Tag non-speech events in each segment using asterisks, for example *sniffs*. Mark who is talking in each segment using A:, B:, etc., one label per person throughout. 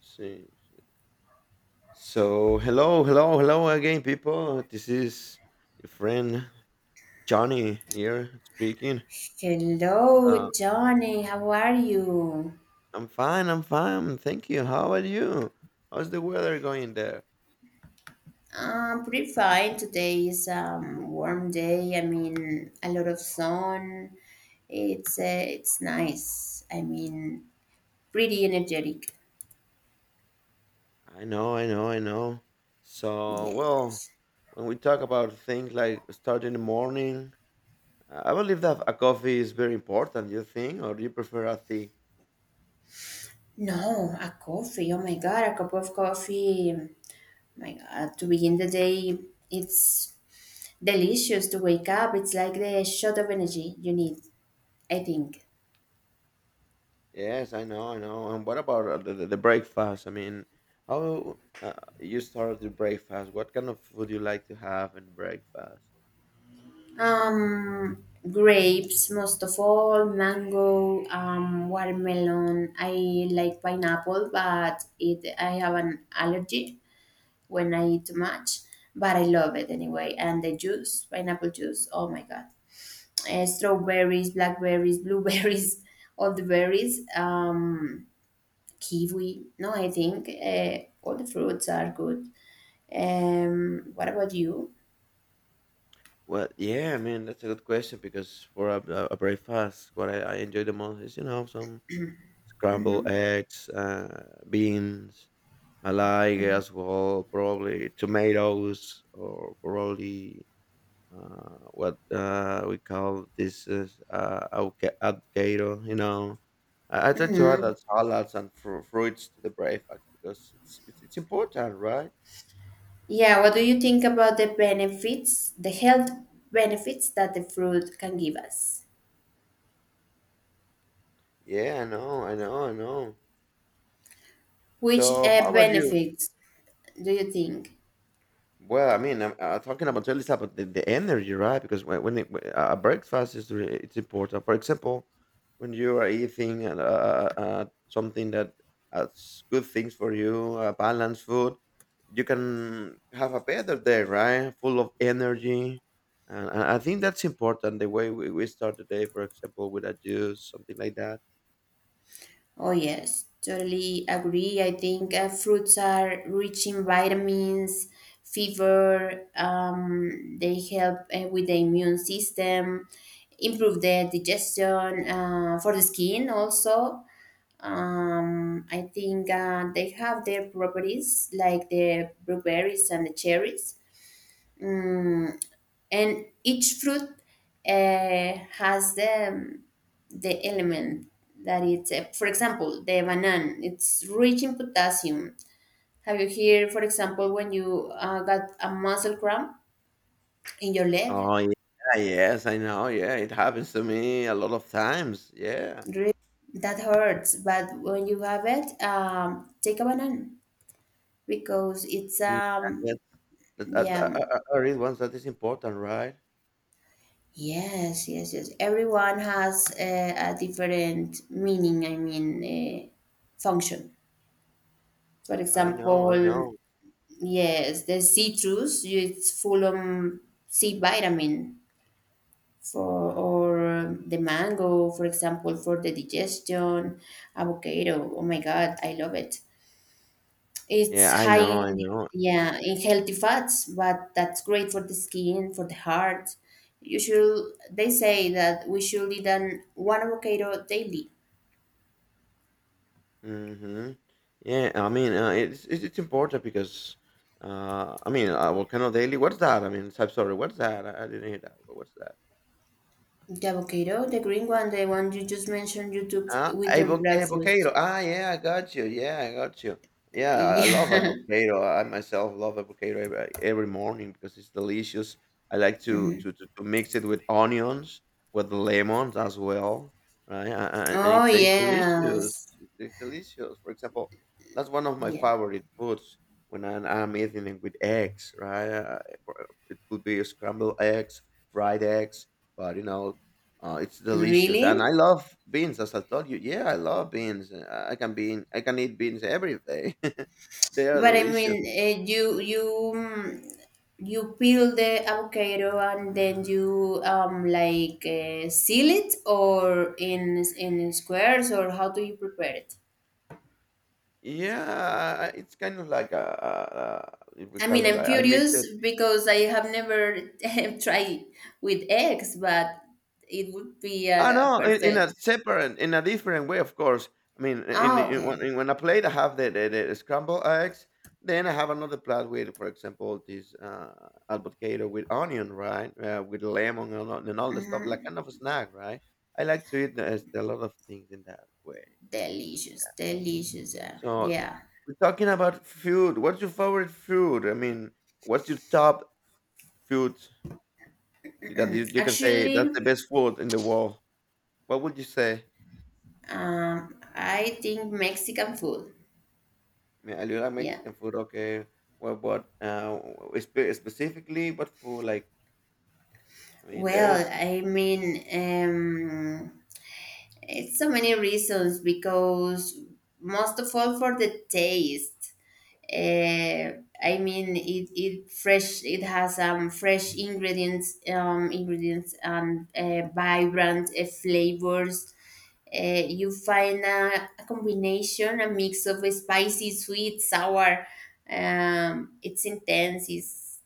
A: See. See. So hello, hello, hello again, people. This is your friend Johnny here speaking.
B: Hello,
A: Uh,
B: Johnny. How are you?
A: I'm fine. I'm fine. Thank you. How are you? How's the weather going there?
B: I'm pretty fine. Today is a warm day. I mean, a lot of sun. It's uh, it's nice. I mean, pretty energetic.
A: I know. I know. I know. So,
B: Yes.
A: when we talk about things like starting the morning, I believe that a coffee is very important. You think, or do you prefer a tea?
B: No, a coffee. Oh my God, a cup of coffee. My God, to begin the day, it's delicious to wake up. It's like the shot of energy you need. I think.
A: Yes, I know, I know. And what about the breakfast? I mean, how you start the breakfast? What kind of food you like to have in breakfast?
B: Um, grapes, most of all, mango, watermelon. I like pineapple, but it I have an allergy when I eat too much. But I love it anyway. And the juice, pineapple juice. Oh my god! Strawberries, blackberries, blueberries, *laughs* all the berries. Kiwi. No, I think all the fruits are good. What about you?
A: Well, yeah, I mean that's a good question because for a breakfast, what I enjoy the most is some scrambled
B: Mhm.
A: eggs, beans. I like as well probably tomatoes or probably what we call this is avoca- avocado. You know, I try to add that salads and fruits to the breakfast because it's important, right?
B: Yeah, what do you think about the benefits, the health benefits that the fruit can give us?
A: Yeah, I know, I know, I know.
B: Which
A: So how about you?
B: benefits do you think?
A: Well, I mean, I'm talking about at least about the energy, right? Because when a breakfast is re- it's important. For example, when you are eating something that has good things for you, balanced food, you can have a better day, right? Full of energy, and I think that's important. The way we start the day, for example, with a juice, something like that.
B: Oh, yes, totally agree. I think fruits are rich in vitamins, fiber, they help with the immune system, improve the digestion, for the skin also. I think they have their properties like the blueberries and the cherries, Mm, and each fruit has the element that it's for example, the banana it's rich in potassium. Have you heard, for example, when you got a muscle cramp in your leg?
A: Oh yeah, yes, I know. Yeah, it happens to me a lot of times. Yeah.
B: Really, that hurts, but when you have it, take a banana because it's
A: Yeah, that's that I
B: yeah,
A: I I I read once that is important, right?
B: yes, yes, yes. Everyone has a different meaning, I mean, uh, function. For
A: I know, I
B: example,
A: know.
B: yes, there's citrus, it's full of C vitamin for
A: Mm.
B: or the mango, for example, for the digestion. Avocado. Oh my God, I love it.
A: Yeah,
B: It's
A: I
B: high
A: know,
B: in,
A: I know.
B: yeah, in healthy fats, but that's great for the skin, for the heart. You should they say that we should eat an one avocado daily.
A: Mhm. Yeah, I mean, it's important because, I mean, volcano daily. What's that? I mean, I'm sorry. What's that? I didn't hear that. What's that?
B: The avocado, the green one, the one you just mentioned you took
A: Ah,
B: with your
A: avo
B: breakfast.
A: avocado.
B: *laughs*
A: Ah, yeah, I got you. Yeah, I got you. Yeah, I love
B: Yeah.
A: avocado. I myself love avocado every morning because it's delicious. I like to mix it with onions, with lemons as well, right? And
B: Oh
A: it tastes delicious.
B: yes,
A: It tastes delicious. For example, that's one of my
B: yeah,
A: favorite foods when I'm eating it with eggs, right? It could be scrambled eggs, fried eggs, but you know, it's delicious, and I
B: really.
A: love beans. As I told you, yeah, I love beans. I can bean, I can eat beans every day. *laughs* They are
B: But I mean,
A: delicious.
B: you peel the avocado and then you like seal it or in squares or how do you prepare it?
A: Yeah, it's kind of like a, a if we
B: I
A: call
B: mean,
A: it,
B: I'm
A: like, I mix
B: curious
A: it.
B: because I have never *laughs* tried with eggs, but it would be
A: Ah, no, in a
B: perfect.
A: separate, in a different way, of course. I mean,
B: Oh, okay.
A: in when I plate, I have the scrambled eggs. Then I have another plate with, for example, this avocado with onion, right? With lemon and all the stuff, like
B: hmm
A: kind of a snack, right? I like to eat a lot of things in that way.
B: Delicious, delicious. Yeah,
A: So
B: yeah.
A: we're talking about food. What's your favorite food? I mean, what's your top food that you can say that's the
B: Actually.
A: best food in the world? What would you say?
B: I think Mexican food.
A: I mean, I do like
B: Yeah.
A: Mexican food. Okay, well, but specifically, but for like, I mean,
B: Well,
A: there's,
B: I mean, it's so many reasons because most of all for the taste. I mean, it fresh. It has fresh ingredients, ingredients and vibrant flavors. You find a combination, a mix of spicy, sweet, sour. It's intense. It's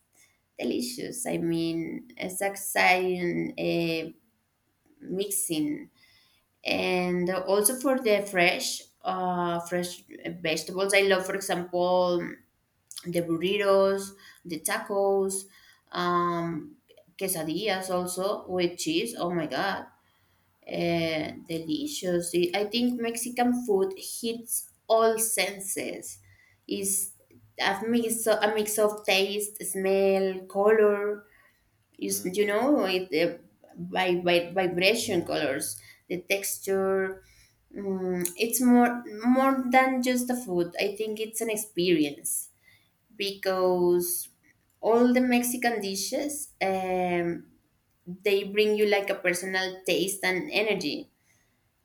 B: delicious. I mean, it's exciting mixing, and also for the fresh vegetables. I love, for example, the burritos, the tacos, um, quesadillas also with cheese. Oh my god, delicious! I think Mexican food hits all senses. Is a mix of taste, smell, color. You
A: hmm,
B: know it by vibration colors, the texture. It's more than just the food. I think it's an experience because all the Mexican dishes they bring you like a personal taste and energy.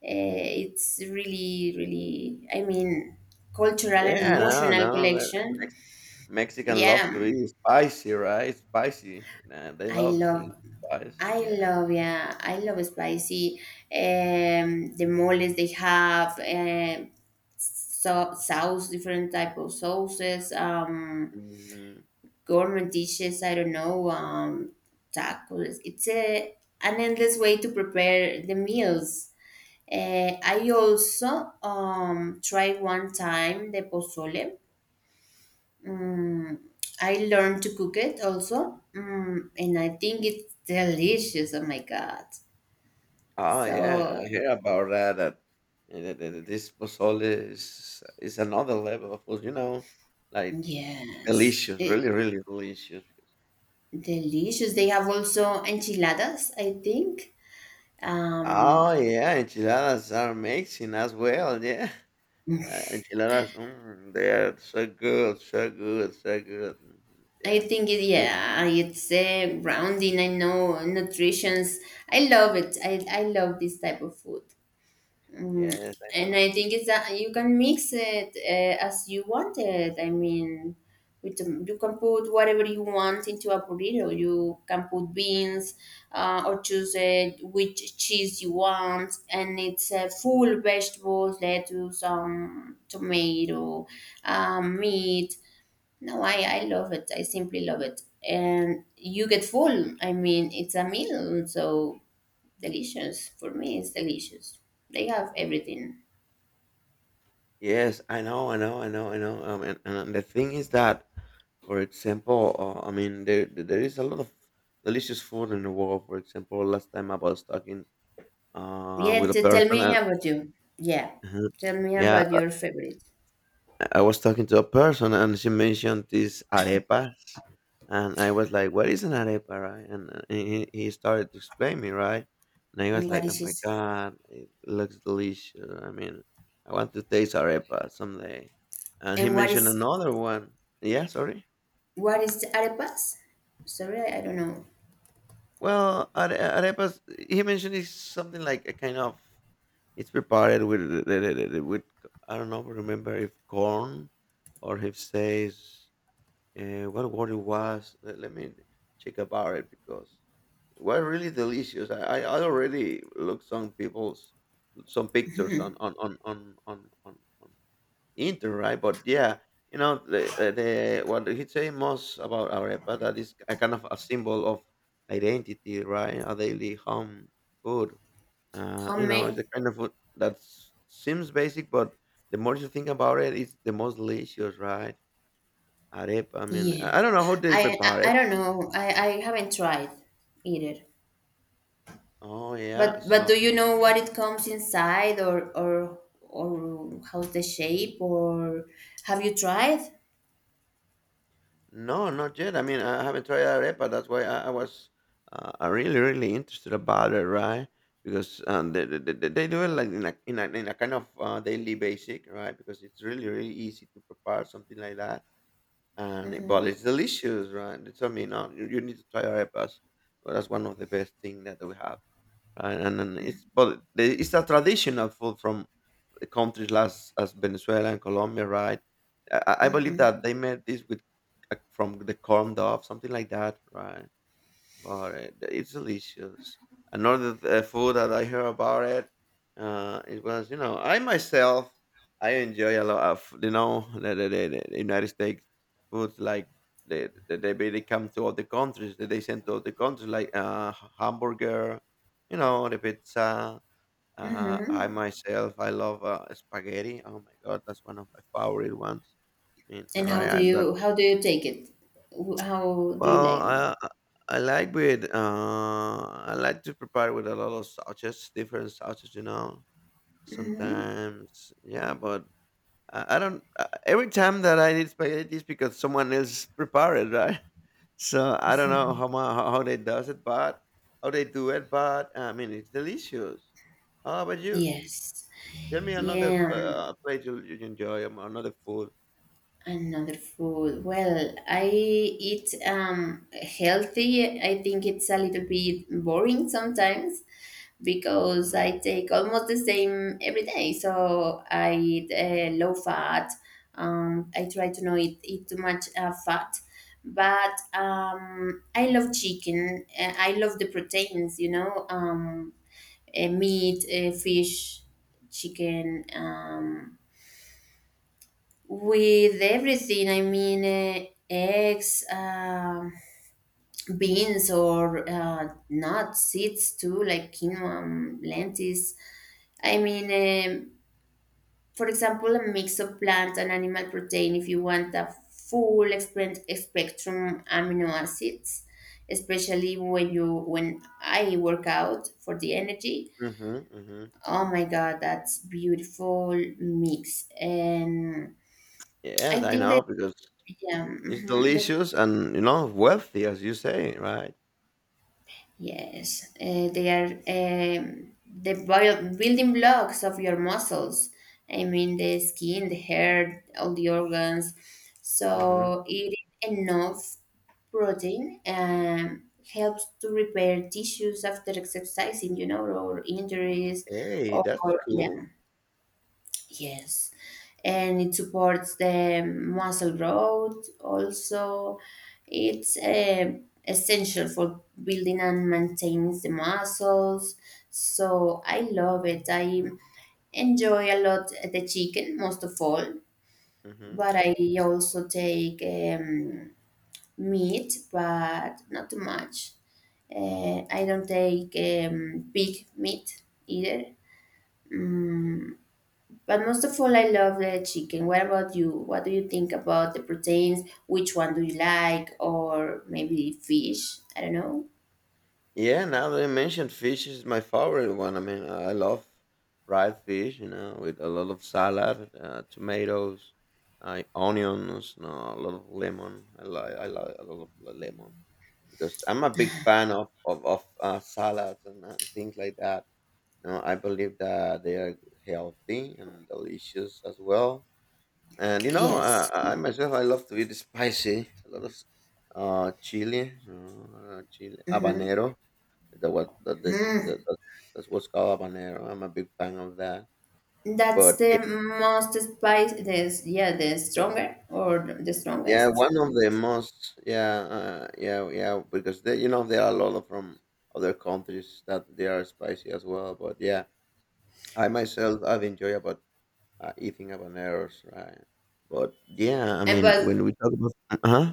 B: uh, it's really, I mean, cultural and
A: yeah, no,
B: emotional
A: no, that
B: collection.
A: Mexican love
B: Yeah,
A: to eat spicy, right? Spicy, nah, they
B: I
A: love us to eat
B: love,
A: spicy. Yeah.
B: yeah, I love spicy. The moles they have, so sauce, different type of sauces,
A: Hmm.
B: gourmet dishes. I don't know, tacos. It's a an endless way to prepare the meals. I also tried one time the pozole. Mm, I learned to cook it also, and I think it's delicious. Oh my God.
A: Oh
B: So,
A: yeah, I hear about that. That this pozole is another level of food. You know, like
B: yes,
A: delicious, really,
B: it's
A: really delicious.
B: delicious. They have also enchiladas, I think. Um,
A: Oh yeah, enchiladas are amazing as well. Yeah. Enchiladas, mm, they are so good, so good, so good. Mhm.
B: I
A: Yeah.
B: think,
A: I-
B: yeah, it's grounding. I know nutrition's. I love it. I love this type of food. Mm,
A: Yes, I
B: and I
A: know.
B: think it's that you can mix it as you want it. I mean, you can put whatever you want into a burrito. You can put beans or choose it, which cheese you want, and it's full vegetables, lettuce, tomato, meat. No, I,
A: Mhm.
B: I love it. I simply love it, and you get full. I mean, it's a meal, so delicious. For me, it's delicious. They have everything.
A: Yes, I know, I know, I know, I know. And the thing is that, for example, I mean, there is a lot of delicious food in the world. For example, last time I was talking
B: Yeah,
A: with a
B: tell
A: person,
B: me
A: and,
B: about you. Yeah,
A: mhm,
B: tell me
A: yeah,
B: about your favorite.
A: I was talking to a person and she mentioned these arepas, and I was like, "What is an arepa, right?" And he started to explain me, right? And I was
B: And what
A: like, "Oh
B: is
A: my
B: this?
A: god, it looks delicious. I mean, I want to taste arepa someday." And he
B: And
A: mentioned another one. Yeah, sorry.
B: what is the arepas? Sorry, I don't know.
A: Well, arepas. He mentioned is something like a kind of. It's prepared with I don't know. Remember if corn or if says. What word it was? Let me check about it because it was really delicious. I already looked some people's some pictures on inter right, but yeah, you know the what he say most about arepa that is a kind of a symbol of identity, right? A daily home food. You know, it's
B: Homemade.
A: a kind of food that s- seems basic, but the more you think about it, it's the most delicious, right? Arepa, I mean,
B: Yeah,
A: I don't know how they
B: I,
A: prepare
B: I I
A: it.
B: don't know. I haven't tried either.
A: Oh, yeah,
B: But do
A: so
B: you know what it comes inside, or or how's the shape, or have you tried?
A: no, not yet. I mean, I haven't tried arepa. That's why I was really, really interested about it, right? Because they do it like in a, in a, in a kind of daily basic, right? Because it's really, really easy to prepare something like that. And it, but it's delicious, right? It's, I mean, you, you need to try arepas. Well, that's one of the best thing that we have, right? And then it's but the- it's a traditional food from countries as Venezuela and Colombia, right? I believe that they made this with from the corn dog, something like that, right? About it. It's delicious. Another food that I heard about it, it was you know I myself I enjoy a lot of you know the, the United States foods like the they come to other countries that they send to other countries like hamburger, you know the pizza. I myself I love spaghetti. Oh my god, that's one of my favorite ones. I mean,
B: And
A: right, I, that
B: how do you take it? How do you
A: well,
B: like them?
A: I I like with I like to prepare with a lot of sauces, different sauces, you know. Sometimes, yeah, but I don't. Every time that I need spaghetti is because someone else *laughs* prepared, it, right? *laughs* So I don't know how how they does it, but how they do it, but I mean it's delicious. How about you?
B: Yes.
A: Tell me another
B: Yeah.
A: plate you enjoy, another food.
B: Another food. Well, I eat healthy. I think it's a little bit boring sometimes because
A: Mm-hmm.
B: I take almost the same every day. So I eat low fat. I try to not eat too much fat, but I love chicken. I love the proteins. You know. Meat, fish, chicken, with everything. I mean, eggs, beans, or nuts, seeds too, like quinoa, lentils. I mean, for example, a mix of plant and animal protein if you want a full spectrum amino acids, especially when you when I work out for the energy.
A: Mm-hmm. Mm-hmm.
B: Oh my God, that's beautiful mix. And I
A: Yes, I
B: think
A: know
B: that
A: because
B: yeah,
A: it's
B: mhm,
A: delicious and you know wealthy, as you say, right?
B: yes, they are the building blocks of your muscles. I mean, the skin, the hair, all the organs.
A: Hmm.
B: So eating enough protein helps to repair tissues after exercising, you know, or injuries,
A: Hey,
B: or
A: that's cool.
B: yes, and it supports the muscle growth. Also, it's essential for building and maintaining the muscles. So I love it. I enjoy a lot the chicken most of all,
A: Hmm.
B: but I also take meat, but not too much. I don't take pig meat either. Mm, but most of all, I love the chicken. What about you? What do you think about the proteins? Which one do you like? Or maybe fish? I don't know.
A: Yeah, now that I mentioned fish is my favorite one. I mean, I love fried fish, you know, with a lot of salad, tomatoes, onions, no, a lot of lemon. I like a lot of lemon because I'm a big fan of salads and, things like that. You know, I believe that they are healthy and delicious as well. And you know, uh,
B: Yes.
A: I I myself, I love to eat spicy. A lot of chili, chili
B: hmm
A: habanero. That what that's what's called habanero. I'm a big fan of that.
B: That's
A: But
B: the
A: y-
B: most spice. This yeah, the stronger or the
A: yeah,
B: strongest.
A: one of the most yeah yeah yeah because they, you know there are a lot of from other countries that they are spicy as well. But yeah, I myself I've enjoyed about eating habaneros, right? But yeah, I
B: And
A: mean
B: but
A: when we talk about uh huh.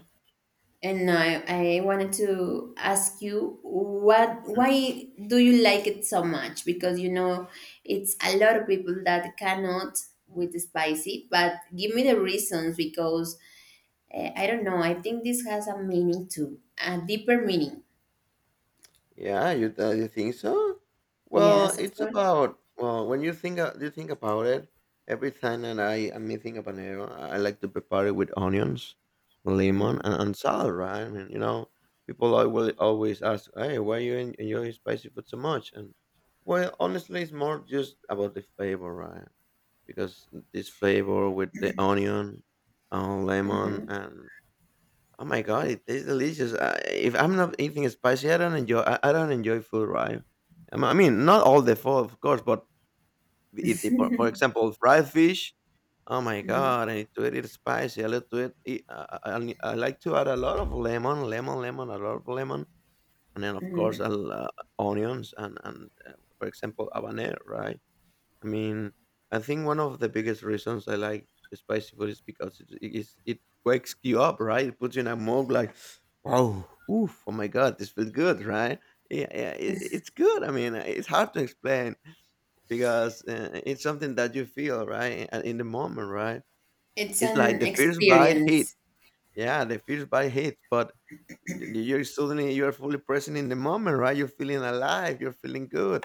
B: and I wanted to ask you what why do you like it so much? Because it's a lot of people that cannot with the spicy. But give me the reasons because I don't know. I think this has a meaning too, a deeper meaning.
A: Yeah, you you think so? Well,
B: Yes, of
A: it's
B: course.
A: about well, when you think about it, every time that I am making a habanero, I like to prepare it with onions, lemon, and salt, right? I mean, you know, people will always ask, "Hey, why you enjoy spicy food so much?" And well, honestly, it's more just about the flavor, right? Because this flavor with the onion, lemon,
B: Mm-hmm,
A: and oh my god, it tastes delicious. If I'm not eating spicy, I don't enjoy. I don't enjoy food, right? I mean, not all the food, of course, but for example, fried fish. Oh my
B: mm-hmm,
A: god, I need to eat it spicy. I like to eat. I like to add a lot of lemon, lemon, lemon, a lot of lemon, and then of course,
B: mm-hmm.
A: I'll, onions and for example, habanero, right? I mean, I think one of the biggest reasons I like spicy food is because it wakes you up, right? It puts you in a mode like, wow, oof, oh my god, this feels good, right? Yeah, yeah, it's good. I mean, it's hard to explain because it's something that you feel right in the moment, right?
B: It's
A: It's like
B: an
A: the first bite hit,
B: experience.
A: yeah, the first bite hits, but you're suddenly you're fully present in the moment, right? You're feeling alive, you're feeling good.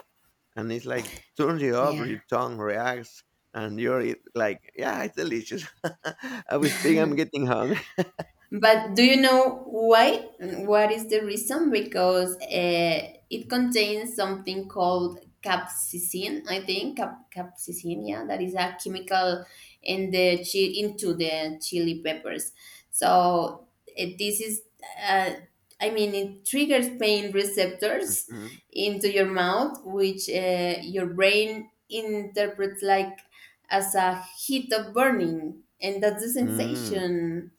A: And it's like turns you up, your
B: Yeah.
A: tongue reacts, and yeah, it's delicious. *laughs* I was big, I'm getting hungry.
B: But do you know why? And what is the reason? Because it contains something called capsaicin, I think. Capsaicin, yeah, that is a chemical into the chili peppers. So this is, uh, I mean, it triggers pain
A: *laughs*
B: receptors
A: Mhm.
B: into your mouth, which your brain interprets like as a heat of burning, and that's the
A: Mm.
B: sensation,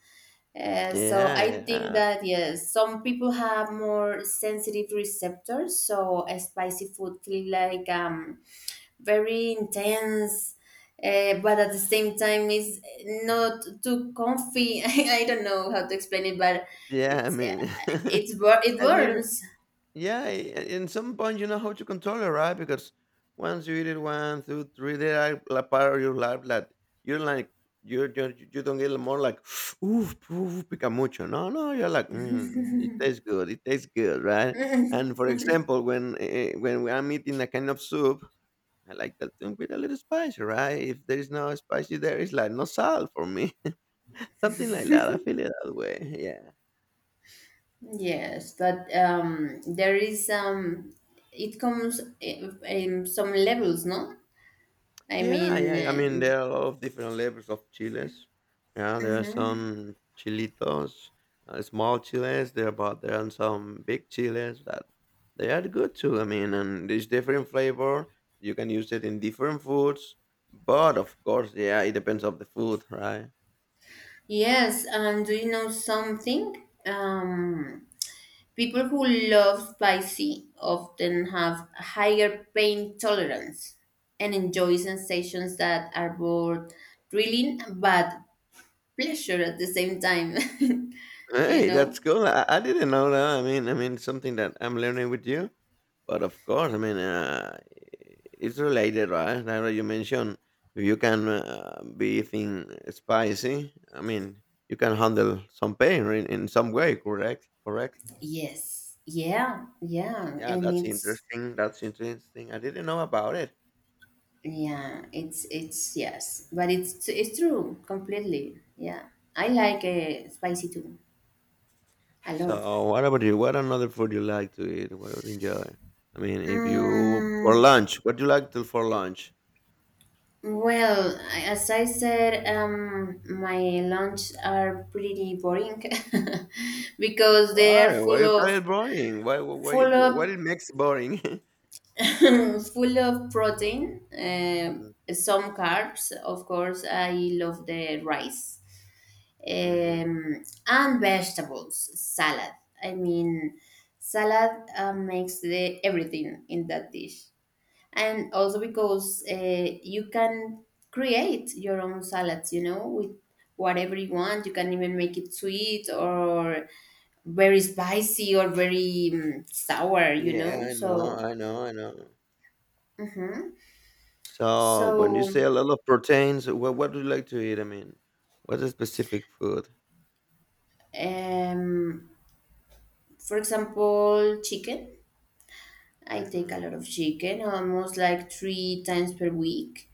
B: so
A: Yeah,
B: I think
A: yeah.
B: that yes, some people have more sensitive receptors, so a spicy food feel like very intense, but at the same time it's not too comfy. *laughs* I don't know how to explain it, but
A: Yeah, I
B: it's uh,
A: mean. *laughs*
B: it
A: and you know
B: burns.
A: Yeah, in some point you know how to control it, right? Because once you eat it one, two, three, they are like part of your life. That You're like you're you don't get more like *sniffs* oof, oof, pica mucho. No, no, you're like mm, it tastes good, right? And for example, when I'm eating a kind of soup, I like that thing with a little spicy, right? If there is no spicy, there is like no salt for me, *laughs* something like that. I feel it that way. Yeah.
B: Yes, but there is, it comes in some levels, no? I
A: Yeah,
B: mean,
A: yeah. I mean, there are a lot of different levels of chiles. Yeah, there are some chilitos, small chiles. But there are some big chiles that they are good too. I mean, and there's different flavor. You can use it in different foods, but of course, yeah, it depends of the food, right?
B: yes, and do you know something? People who love spicy often have a higher pain tolerance and enjoy sensations that are both thrilling but pleasure at the same time. *laughs* Do you
A: Hey, that's
B: know?
A: cool. I didn't know that. I mean, something that I'm learning with you. But of course, I mean, it's related, right? Now that you mentioned, if you can be eating spicy, I mean, you can handle some pain in some way, correct? Correct.
B: Yes. Yeah. Yeah.
A: Yeah,
B: And
A: that's
B: it's
A: interesting. That's interesting. I didn't know about it.
B: yeah. It's yes. But it's true completely. Yeah. I like spicy too a lot.
A: So, what about you? What another food you like to eat? What would you enjoy? I mean, if you for
B: Mm,
A: lunch, what do you like to for lunch?
B: Well, as I said, my lunch are pretty boring *laughs* because they are
A: Why? Why
B: full
A: you call
B: of
A: it boring? Why? Why?
B: full of
A: What it makes boring?
B: *coughs* full of protein,
A: *laughs*
B: some carbs. Of course, I love the rice
A: Mm-hmm.
B: and vegetables, salad. I mean, salad makes the everything in that dish. And also because you can create your own salads, you know, with whatever you want. You can even make it sweet or very spicy or very sour, you know,
A: Yeah, I
B: so
A: know, I know, I know. So when you
B: so
A: say a lot of proteins, what do you like to eat? I mean, what's a specific food?
B: um for example, chicken. I take a
A: Mm-hmm.
B: lot of chicken almost like three times per week.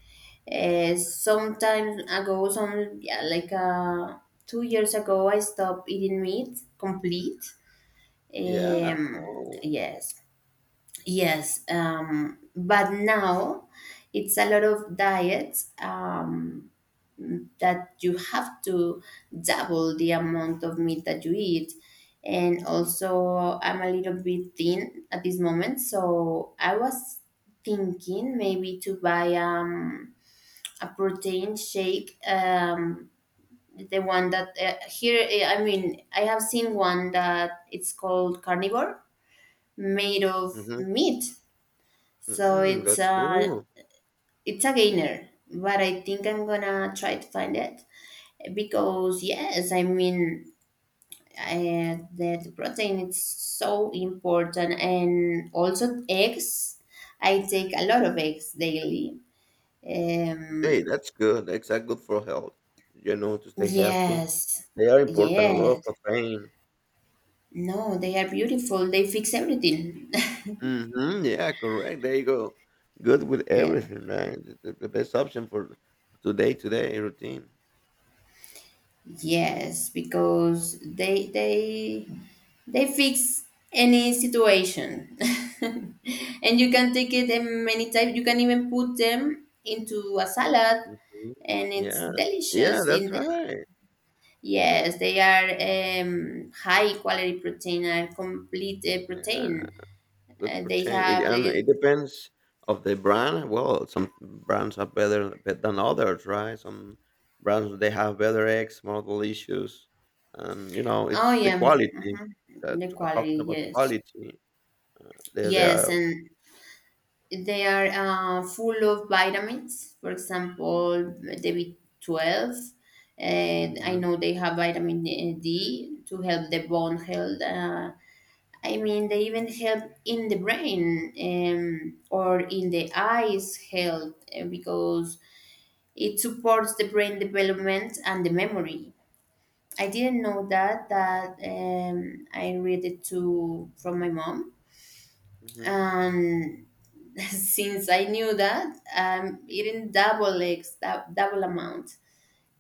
B: Sometimes ago, some, yeah, like 2 years ago I stopped eating meat complete.
A: Yeah.
B: Um,
A: Oh.
B: yes, yes. But now it's a lot of diets that you have to double the amount of meat that you eat. And also, I'm a little bit thin at this moment, so I was thinking maybe to buy a protein shake. The one that here, I mean, I have seen one that it's called carnivore made of
A: Mm-hmm.
B: meat. So
A: Mm-hmm.
B: it's
A: That's
B: a
A: cool.
B: it's a gainer, but I think I'm gonna try to find it because yes, I mean, the protein is so important and also eggs. I take a lot of eggs daily.
A: Hey,
B: Um,
A: that's good. That's good for health. You know, to stay healthy.
B: yes,
A: They are important. A lot
B: yes.
A: of protein.
B: No, they are beautiful. They fix everything.
A: Mhm, yeah, correct. There you go. Good with
B: *laughs* yes.
A: everything, right? The best option for today routine.
B: Yes, because they they fix any situation, *laughs* and you can take it in many types. You can even put them into a salad,
A: Mhm.
B: and it's
A: Yeah, yeah,
B: delicious.
A: that's
B: In
A: right.
B: yes, they are high quality protein, are complete
A: Yeah,
B: protein.
A: good per.
B: They
A: It,
B: have
A: and it
B: the
A: depends of the brand. Well, some brands are better than others, right? Some brands they have better eggs, model issues, and you know
B: oh
A: it's the
B: yeah,
A: quality
B: mhm,
A: that
B: the
A: talking
B: quality,
A: about
B: yes.
A: quality. They
B: Yes,
A: are.
B: and they are full of vitamins, for example, the B12. And I
A: Hmm.
B: know they have vitamin D to help the bone health. I mean, they even help in the brain or in the eyes health because it supports the brain development and the memory. I didn't know that. I read it to from my mom. Um, *laughs* since I knew that, I'm eating double eggs, double amount.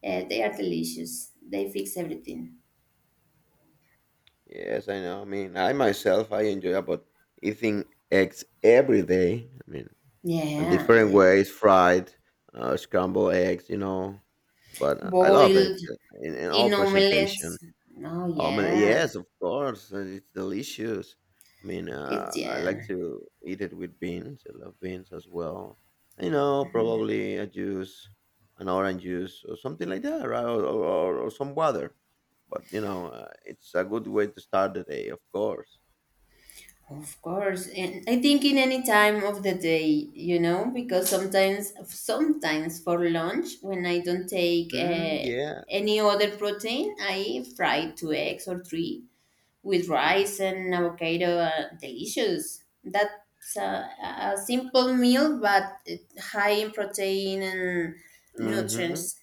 B: They are delicious. They fix everything.
A: Yes, I know. I mean, I myself, I enjoy about eating eggs every day. I mean,
B: Yeah,
A: and
B: yeah,
A: different
B: yeah.
A: ways, fried, scrambled eggs, you know. But I love eggs
B: Boiled
A: in all
B: in
A: presentation.
B: omelets. Oh
A: I mean,
B: yeah,
A: yes, of course, and it's delicious. I mean,
B: it's
A: I like
B: yeah.
A: to eat it with beans. I love beans as well. You know, probably a juice, an orange juice, or something like that, right? Or some water. But you know, it's a good way to start the day, of course.
B: Of course, and I think in any time of the day, you know, because sometimes, sometimes for lunch, when I don't take
A: Mm, yeah.
B: any other protein, I fry two eggs or three, with rice and avocado. Delicious. That's a simple meal, but high in protein and
A: Mm-hmm.
B: nutrients,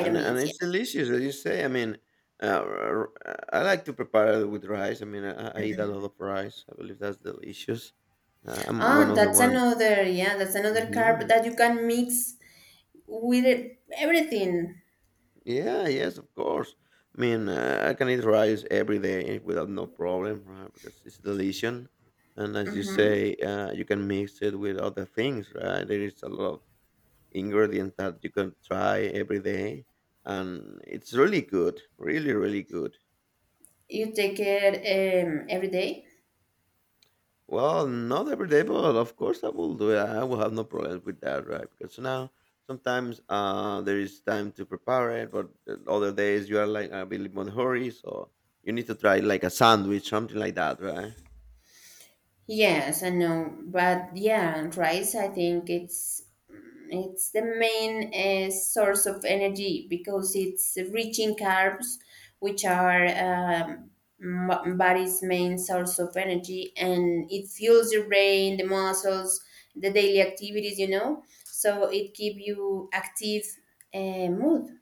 A: And
B: Yeah.
A: it's delicious, as you say. I mean, I like to prepare it with rice. I mean, I eat a lot of rice. I believe that's delicious. I'm one
B: Ah,
A: of the
B: that's
A: one.
B: another. Yeah, that's another carb
A: Mhm.
B: that you can mix with everything.
A: Yeah, yes, of course. I mean, I can eat rice every day without no problem, right? Because it's delicious. And as you
B: Hmm.
A: say, you can mix it with other things, right? There is a lot of ingredients that you can try every day. And it's really good, really, really good.
B: You take it every day.
A: Well, not every day, but of course I will do it. I will have no problems with that, right? Because now sometimes there is time to prepare it, but the other days you are like a bit more hurry, so you need to try like a sandwich, something like that, right?
B: Yes, I know, but yeah, rice. I think it's the main source of energy because it's rich in carbs, which are body's main source of energy, and it fuels your brain, the muscles, the daily activities. You know, so it keep you active uh, mood.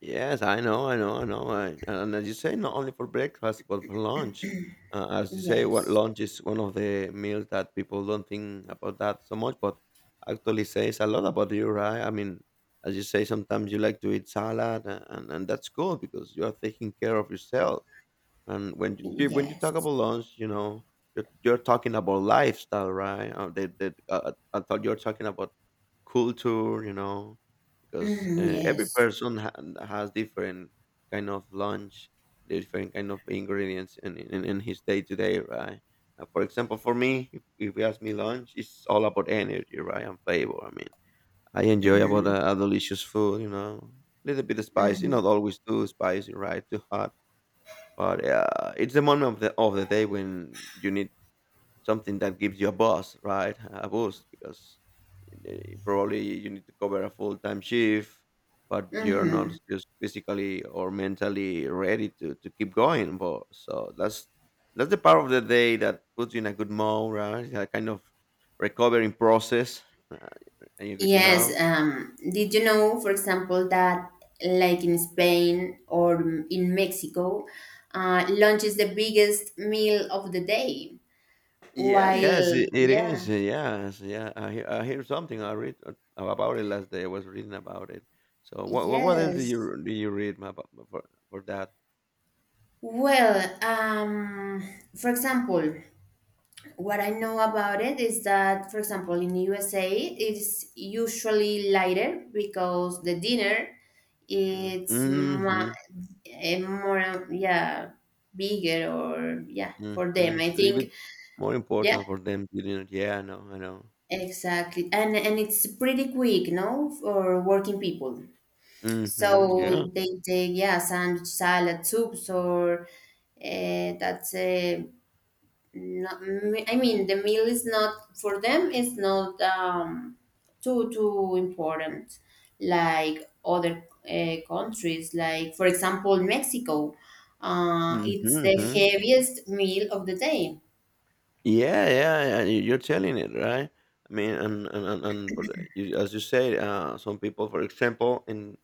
A: Yes, I know, I know, I know. And as you say, not only for breakfast, but for lunch. As you say, what
B: Yes,
A: lunch is one of the meals that people don't think about that so much, but actually says a lot about you, right? I mean, as you say, sometimes you like to eat salad, and that's good because you are taking care of yourself. And when you talk
B: yes.
A: about lunch, you know, you're talking about lifestyle, right? I thought you're talking about culture, you know, because
B: Mhm,
A: every
B: yes.
A: person has different kind of lunch, different kind of ingredients in his day to day, right? For example, for me, if you ask me lunch, it's all about energy, right, and flavor. I mean, I enjoy about
B: Mm-hmm.
A: a delicious food, you know, little bit of
B: Mm-hmm.
A: spicy, not
B: Mm-hmm.
A: always too spicy, right, too hot but it's the moment of the day when you need something that gives you a buzz, right? A boost because probably you need to cover a full time shift, but you're not just physically or mentally ready to keep going. But so that's the part of the day that puts you in a good mode, right? A kind of recovering process, uh, and you
B: Yes,
A: know.
B: did you know, for example, that like in Spain or in Mexico, lunch is the biggest meal of the day,
A: Yeah, yes,
B: while,
A: it is.
B: yeah,
A: Yes, yeah. I hear something. About it last day. I was reading about it. So what else do
B: yes.
A: you about for that?
B: Well, for example, what I know about it is that, for example, in USA, it's usually lighter because the dinner
A: Mm,
B: it's
A: mm-hmm,
B: ma- eh, more, yeah, bigger or yeah
A: mm-hmm.
B: for them. I
A: It's a little
B: think,
A: bit more
B: yeah,
A: important for them to do it. Yeah, I know, I know.
B: exactly, and it's pretty quick, no, for working people.
A: Mm-hmm. Yeah.
B: So they take yeah, sandwich, salad, soups, or that's no, I mean, the meal is not for them. It's not too too important, like other countries. Like for example, Mexico,
A: Mm-hmm.
B: it's the
A: mm-hmm.
B: heaviest meal of the day.
A: Yeah, yeah, yeah. You're telling it right. I mean, and for the, you, as you say, some people, for example,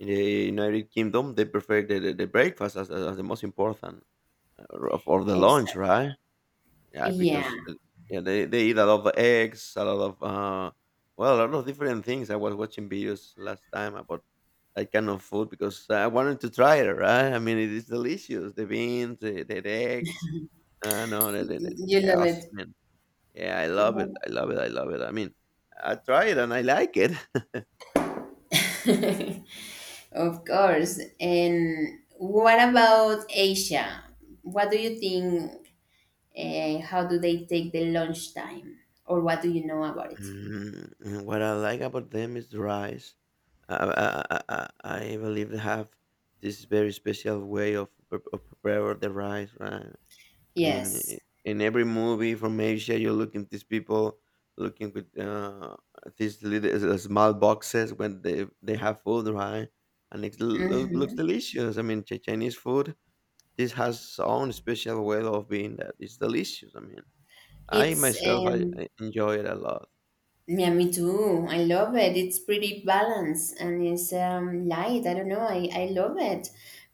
A: in the United Kingdom, they prefer the breakfast as the most important, or the lunch,
B: Exactly.
A: right? Yeah,
B: Yeah,
A: because yeah, they eat a lot of eggs, a lot of well, a lot of different things. I was watching videos last time about that kind of food because I wanted to try it, right? I mean, it is delicious. The beans, the eggs. I know that.
B: you love it.
A: Yeah, I love it.
B: Mhm.
A: I love it. I love it. I mean, I try it and I like it. *laughs*
B: *laughs* Of course. And what about Asia? What do you think? How do they take the lunch time, or what do you know about it?
A: Mm, and what I like about them is the rice. I, I, I, I I believe they have this very special way of, prepare the rice, right? I mean,
B: Yes.
A: in every movie from Asia, you look at these people looking with these little small boxes when they have food, right? And it looks
B: Mhm.
A: delicious. I mean, Chinese food. This has its own special way of being that is delicious. I mean, I
B: It's
A: myself I enjoy it a lot.
B: yeah, me too. I love it. It's pretty balanced and it's light. I don't know. I love it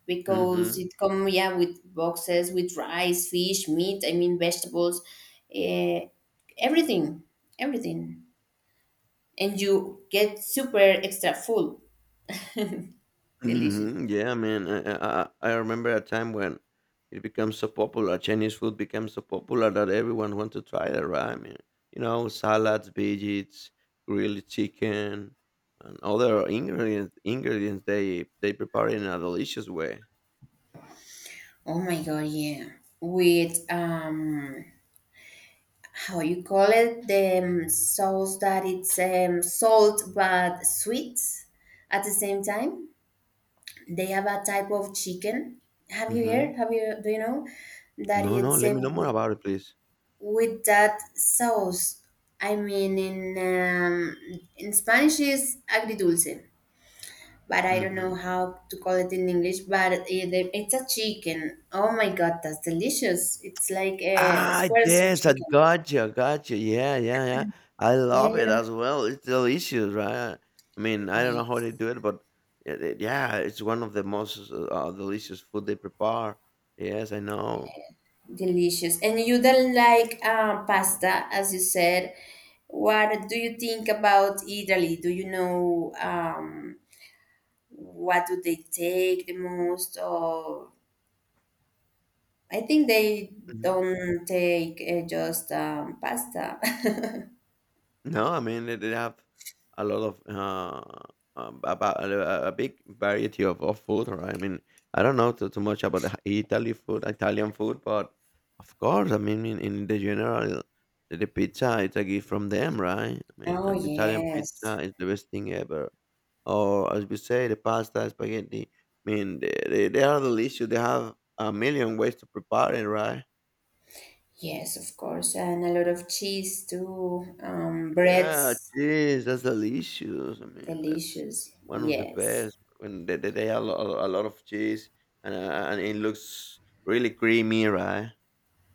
B: because
A: Hmm.
B: it come yeah with boxes with rice, fish, meat. I mean vegetables, uh, everything, everything, and you get super extra full. Delicious.
A: Hmm. Yeah, I mean, I remember a time when it became so popular. Chinese food became so popular that everyone wanted to try it, right? I mean, you know, salads, veggies, grilled chicken, and other ingredients they prepare in a delicious way.
B: Oh my god, yeah. With how you call it the sauce that it's salt but sweet at the same time. They have a type of chicken. Have you heard,
A: Hmm.
B: have you, do you know that
A: No, no,
B: it's
A: let
B: a,
A: me know more about it, please.
B: with that sauce. I mean in Spanish is agridulce, but I don't
A: Hmm.
B: know how to call it in English, but it, it's a chicken. Oh my god, that's delicious. It's like a
A: Ah,
B: squares of
A: yes, I
B: chicken,
A: gotcha, gotcha. Yeah, yeah, yeah. I
B: yeah,
A: love
B: you
A: it
B: know.
A: as well. It's delicious, right? I mean, I
B: Oh
A: don't
B: yeah,
A: know how they do it, but yeah, it's one of the most delicious food they prepare. Yes, I know.
B: delicious. And you don't like pasta, as you said. What do you think about Italy? Do you know what do they take the most? Or I think they
A: Mm-hmm.
B: don't take just pasta. *laughs*
A: No, I mean they have a lot of about a big variety of food, right? I mean, I don't know too much about the Italy food, Italian food, but of course, I mean in the general, the pizza it's a gift from them, right? I mean,
B: Oh
A: and the Italian pizza
B: yes,
A: is the best thing ever. Or as we say, the pasta, spaghetti. I mean, they are delicious. They have a million ways to prepare it, right?
B: yes, of course, and a lot of cheese too.
A: Yeah,
B: Breads,
A: cheese. That's delicious. I mean, that's
B: delicious.
A: one of the
B: Yes.
A: best. When they have a a lot of cheese and it looks really creamy, right?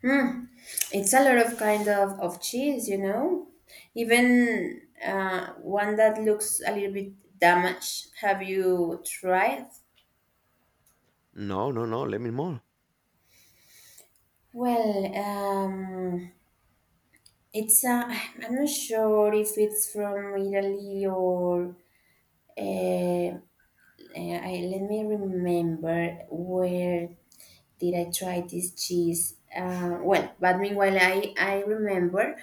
B: Hmm. It's a lot of kind of cheese, you know. Even one that looks a little bit damaged. Have you tried?
A: No, no, no. Let me more.
B: Well, it's I'm not sure if it's from Italy or uh, I, let me remember where did I try this cheese? Well, but meanwhile, I remember,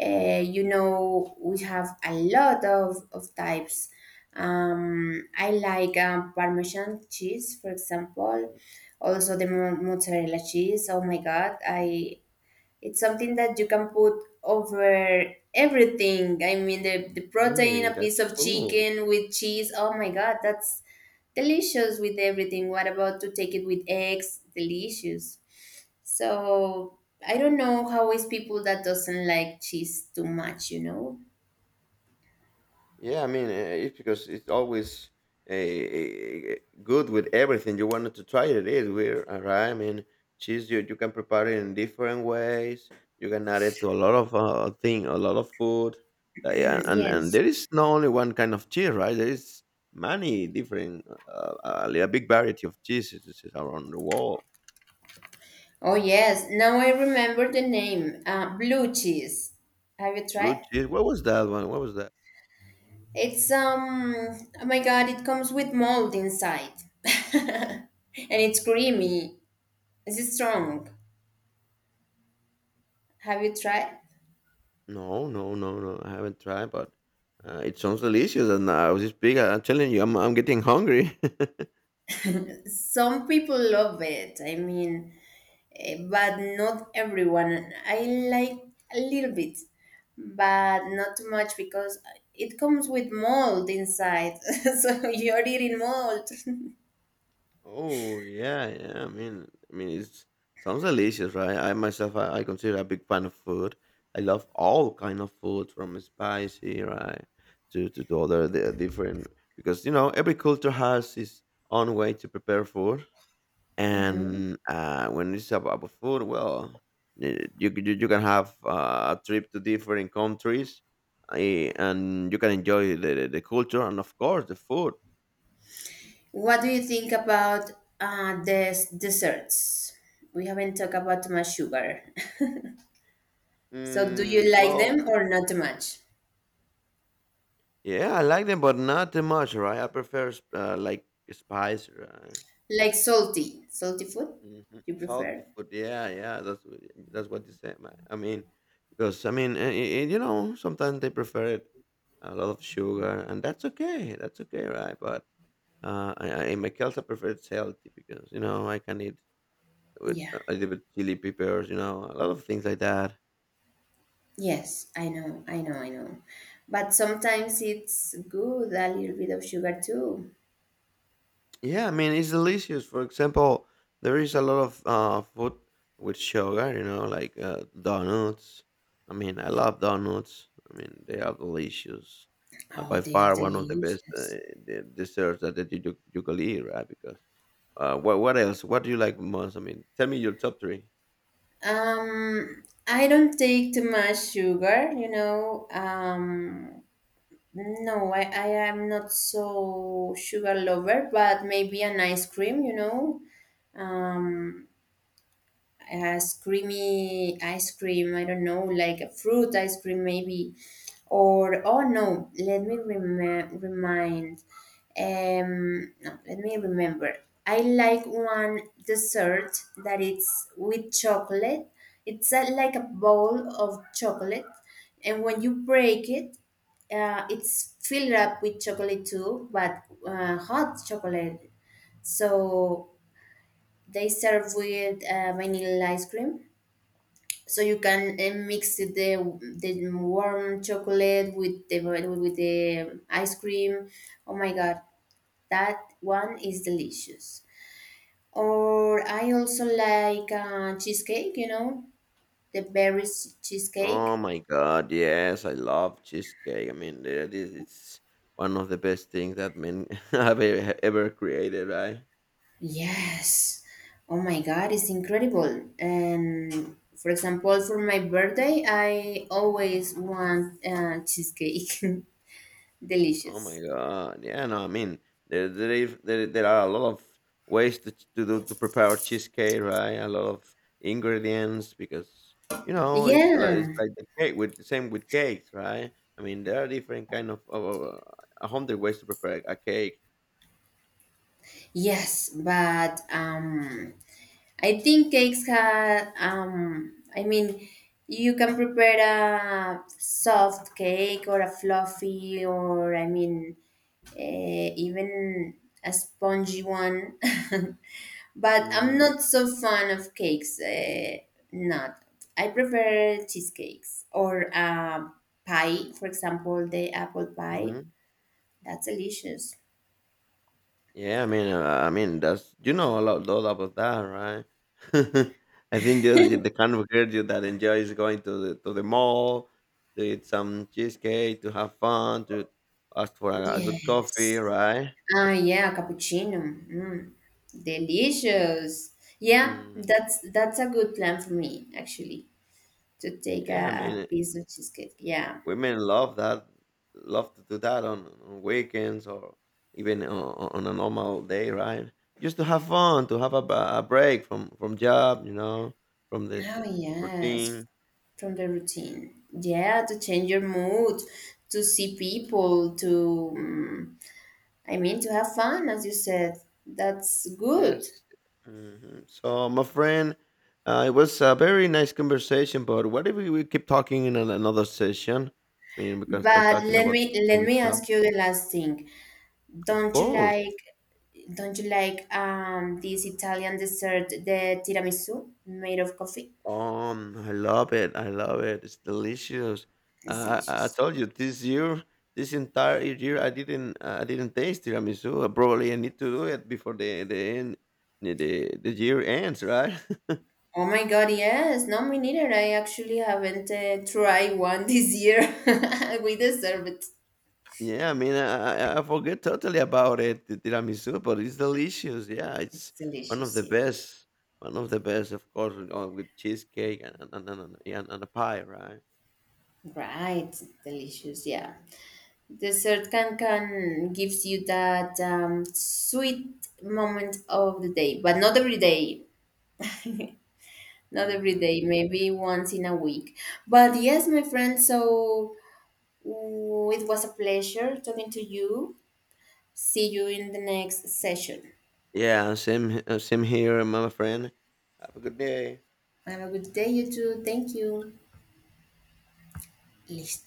B: uh, you know, we have a lot of types. I like Parmesan cheese, for example, also the mozzarella cheese. Oh my God, I it's something that you can put over everything. I mean, the protein,
A: Hey,
B: a piece
A: that's
B: of
A: cool.
B: chicken with cheese. Oh my God, that's delicious with everything. What about to take it with eggs? Delicious. So I don't know how is people that doesn't like cheese too much, you know? *clears throat*
A: Yeah, I mean, it's because it's always good with everything you wanted to try it. It is weird, all right? I mean, cheese you you can prepare it in different ways. You can add it to a lot of thing, a lot of food. Yeah, and
B: Yes.
A: there is not only one kind of cheese, right? There is many different, a big variety of cheeses around the world.
B: Oh yes. Now I remember the name. Blue cheese. Have you
A: Blue
B: tried?
A: cheese. What was that one? What was that?
B: It's um oh my god, it comes with mold inside. *laughs* And it's creamy. It's strong. Have you tried?
A: No, no, no, no. I haven't tried, but it sounds delicious. And I was just big. I'm telling you, I'm getting hungry. *laughs*
B: Some people love it. I mean, but not everyone. I like a little bit, but not too much because it comes with mold inside. *laughs* So you're eating mold.
A: Oh yeah, yeah. I mean, it sounds delicious, right? I myself, I consider a big fan of food. I love all kind of food, from spicy, right, to the other the different, because you know every culture has its own way to prepare food. And, when it's ab about food, well, you you can have a trip to different countries, and you can enjoy the culture and, of course, the food.
B: *laughs* What do you think about the desserts? We haven't talked about too much sugar. So do you
A: Mm,
B: like
A: well,
B: them or not too much?
A: yeah, I like them, but not too much, right? I prefer s like, spice, right?
B: Like salty, salty food?
A: Mhm.
B: You
A: Salty
B: prefer?
A: food, yeah, yeah, that's what you say. Man. I mean, because, I mean, you know, sometimes they prefer it a lot of sugar, and that's okay, right? But in my case, I prefer it's healthy because you know I can eat with
B: Yeah.
A: a little bit chili peppers, you know, a lot of things like that.
B: Yes, I know, I know, I know. But sometimes it's good a little bit of sugar too.
A: Yeah, I mean it's delicious. For example, there is a lot of food with sugar, you know, like donuts. I mean, I love donuts. I mean, they are delicious.
B: Oh,
A: By
B: they are
A: far, one of the best
B: delicious.
A: desserts that, that you could eat, right? Because what else? What do you like most? I mean, tell me your top three.
B: I don't take too much sugar, you know. No, I am not so sugar lover, but maybe an ice cream, you know. Um, as creamy ice cream. I don't know, like a fruit ice cream maybe, or oh no, let me remind. No, let me remember. I like one dessert that it's with chocolate. It's a, like a bowl of chocolate, and when you break it, it's filled up with chocolate too, but hot chocolate. So they serve with vanilla ice cream so you can mix the warm chocolate with the ice cream. Oh my god, that one is delicious. Or I also like cheesecake. You know, the berries cheesecake.
A: Oh my god, yes, I love cheesecake. I mean, that is it's one of the best things that men *laughs* have ever created, right?
B: Yes. Oh my god, it's incredible. And for example, for my birthday, I always want cheesecake. *laughs*
A: Oh my
B: Delicious.
A: god, yeah, no, I mean, there are a lot of ways to to prepare cheesecake, right? A lot of ingredients because you know it's
B: Yeah.
A: like the cake with same with cakes, right? I mean, there are different kind of a hundred ways to prepare a cake.
B: Yes, but I think cakes had, I mean, you can prepare a soft cake or a fluffy or, I mean, even a spongy one. *laughs* But I'm
A: Hmm.
B: not so fan of cakes. Not. I prefer cheesecakes or pie, for example, the apple pie.
A: Hmm.
B: That's delicious.
A: Yeah, I mean, that's you know a lot, lot about that, right? *laughs* I think you're the kind of girl you that enjoys going to the mall, to eat some cheesecake, to have fun, to ask for a good coffee,
B: Yes.
A: right?
B: Ah, yeah, cappuccino. Mm, delicious. Yeah,
A: Mm,
B: that's a good plan for me actually to take
A: yeah, I
B: a
A: mean,
B: piece of cheesecake. Yeah.
A: women love that, love to do that on weekends or even on a normal day, right? Just to have fun, to have a break from job, you know, from the
B: Oh
A: the
B: yes,
A: routine.
B: from the routine. Yeah, to change your mood, to see people, to mm, I mean to have fun, as you said. That's good.
A: Yes. Mhm. So, my friend, it was a very nice conversation, but what if we keep talking in another session? I mean, we can start
B: But
A: talking about the
B: let
A: same
B: me
A: stuff.
B: ask you the last thing.
A: Of
B: Don't you
A: course.
B: like this Italian dessert, the tiramisu made of coffee?
A: I love it. I love it. It's delicious.
B: It's
A: I
B: delicious.
A: told you this year, this entire year, I didn't taste tiramisu. Probably I need to do it before the end, the year ends, right? *laughs*
B: Oh my god, yes. No, me neither. I actually haven't tried one this year. *laughs* We deserve it.
A: Yeah, I mean, I forget totally about it, the tiramisu, but it's delicious. Yeah,
B: It's
A: it's one of
B: delicious,
A: the
B: yeah.
A: best, one of the best, of course, with cheesecake and yeah, and a pie, right?
B: Right, delicious, yeah. Dessert can gives you that sweet moment of the day, but not every day. Not every
A: Hmm.
B: day, maybe once in a week. But yes, my friend, so oh, it was a pleasure talking to you. See you in the next session.
A: Yeah, same same here, my friend. Have a good day.
B: Have a good day, you too. Thank you. Listo.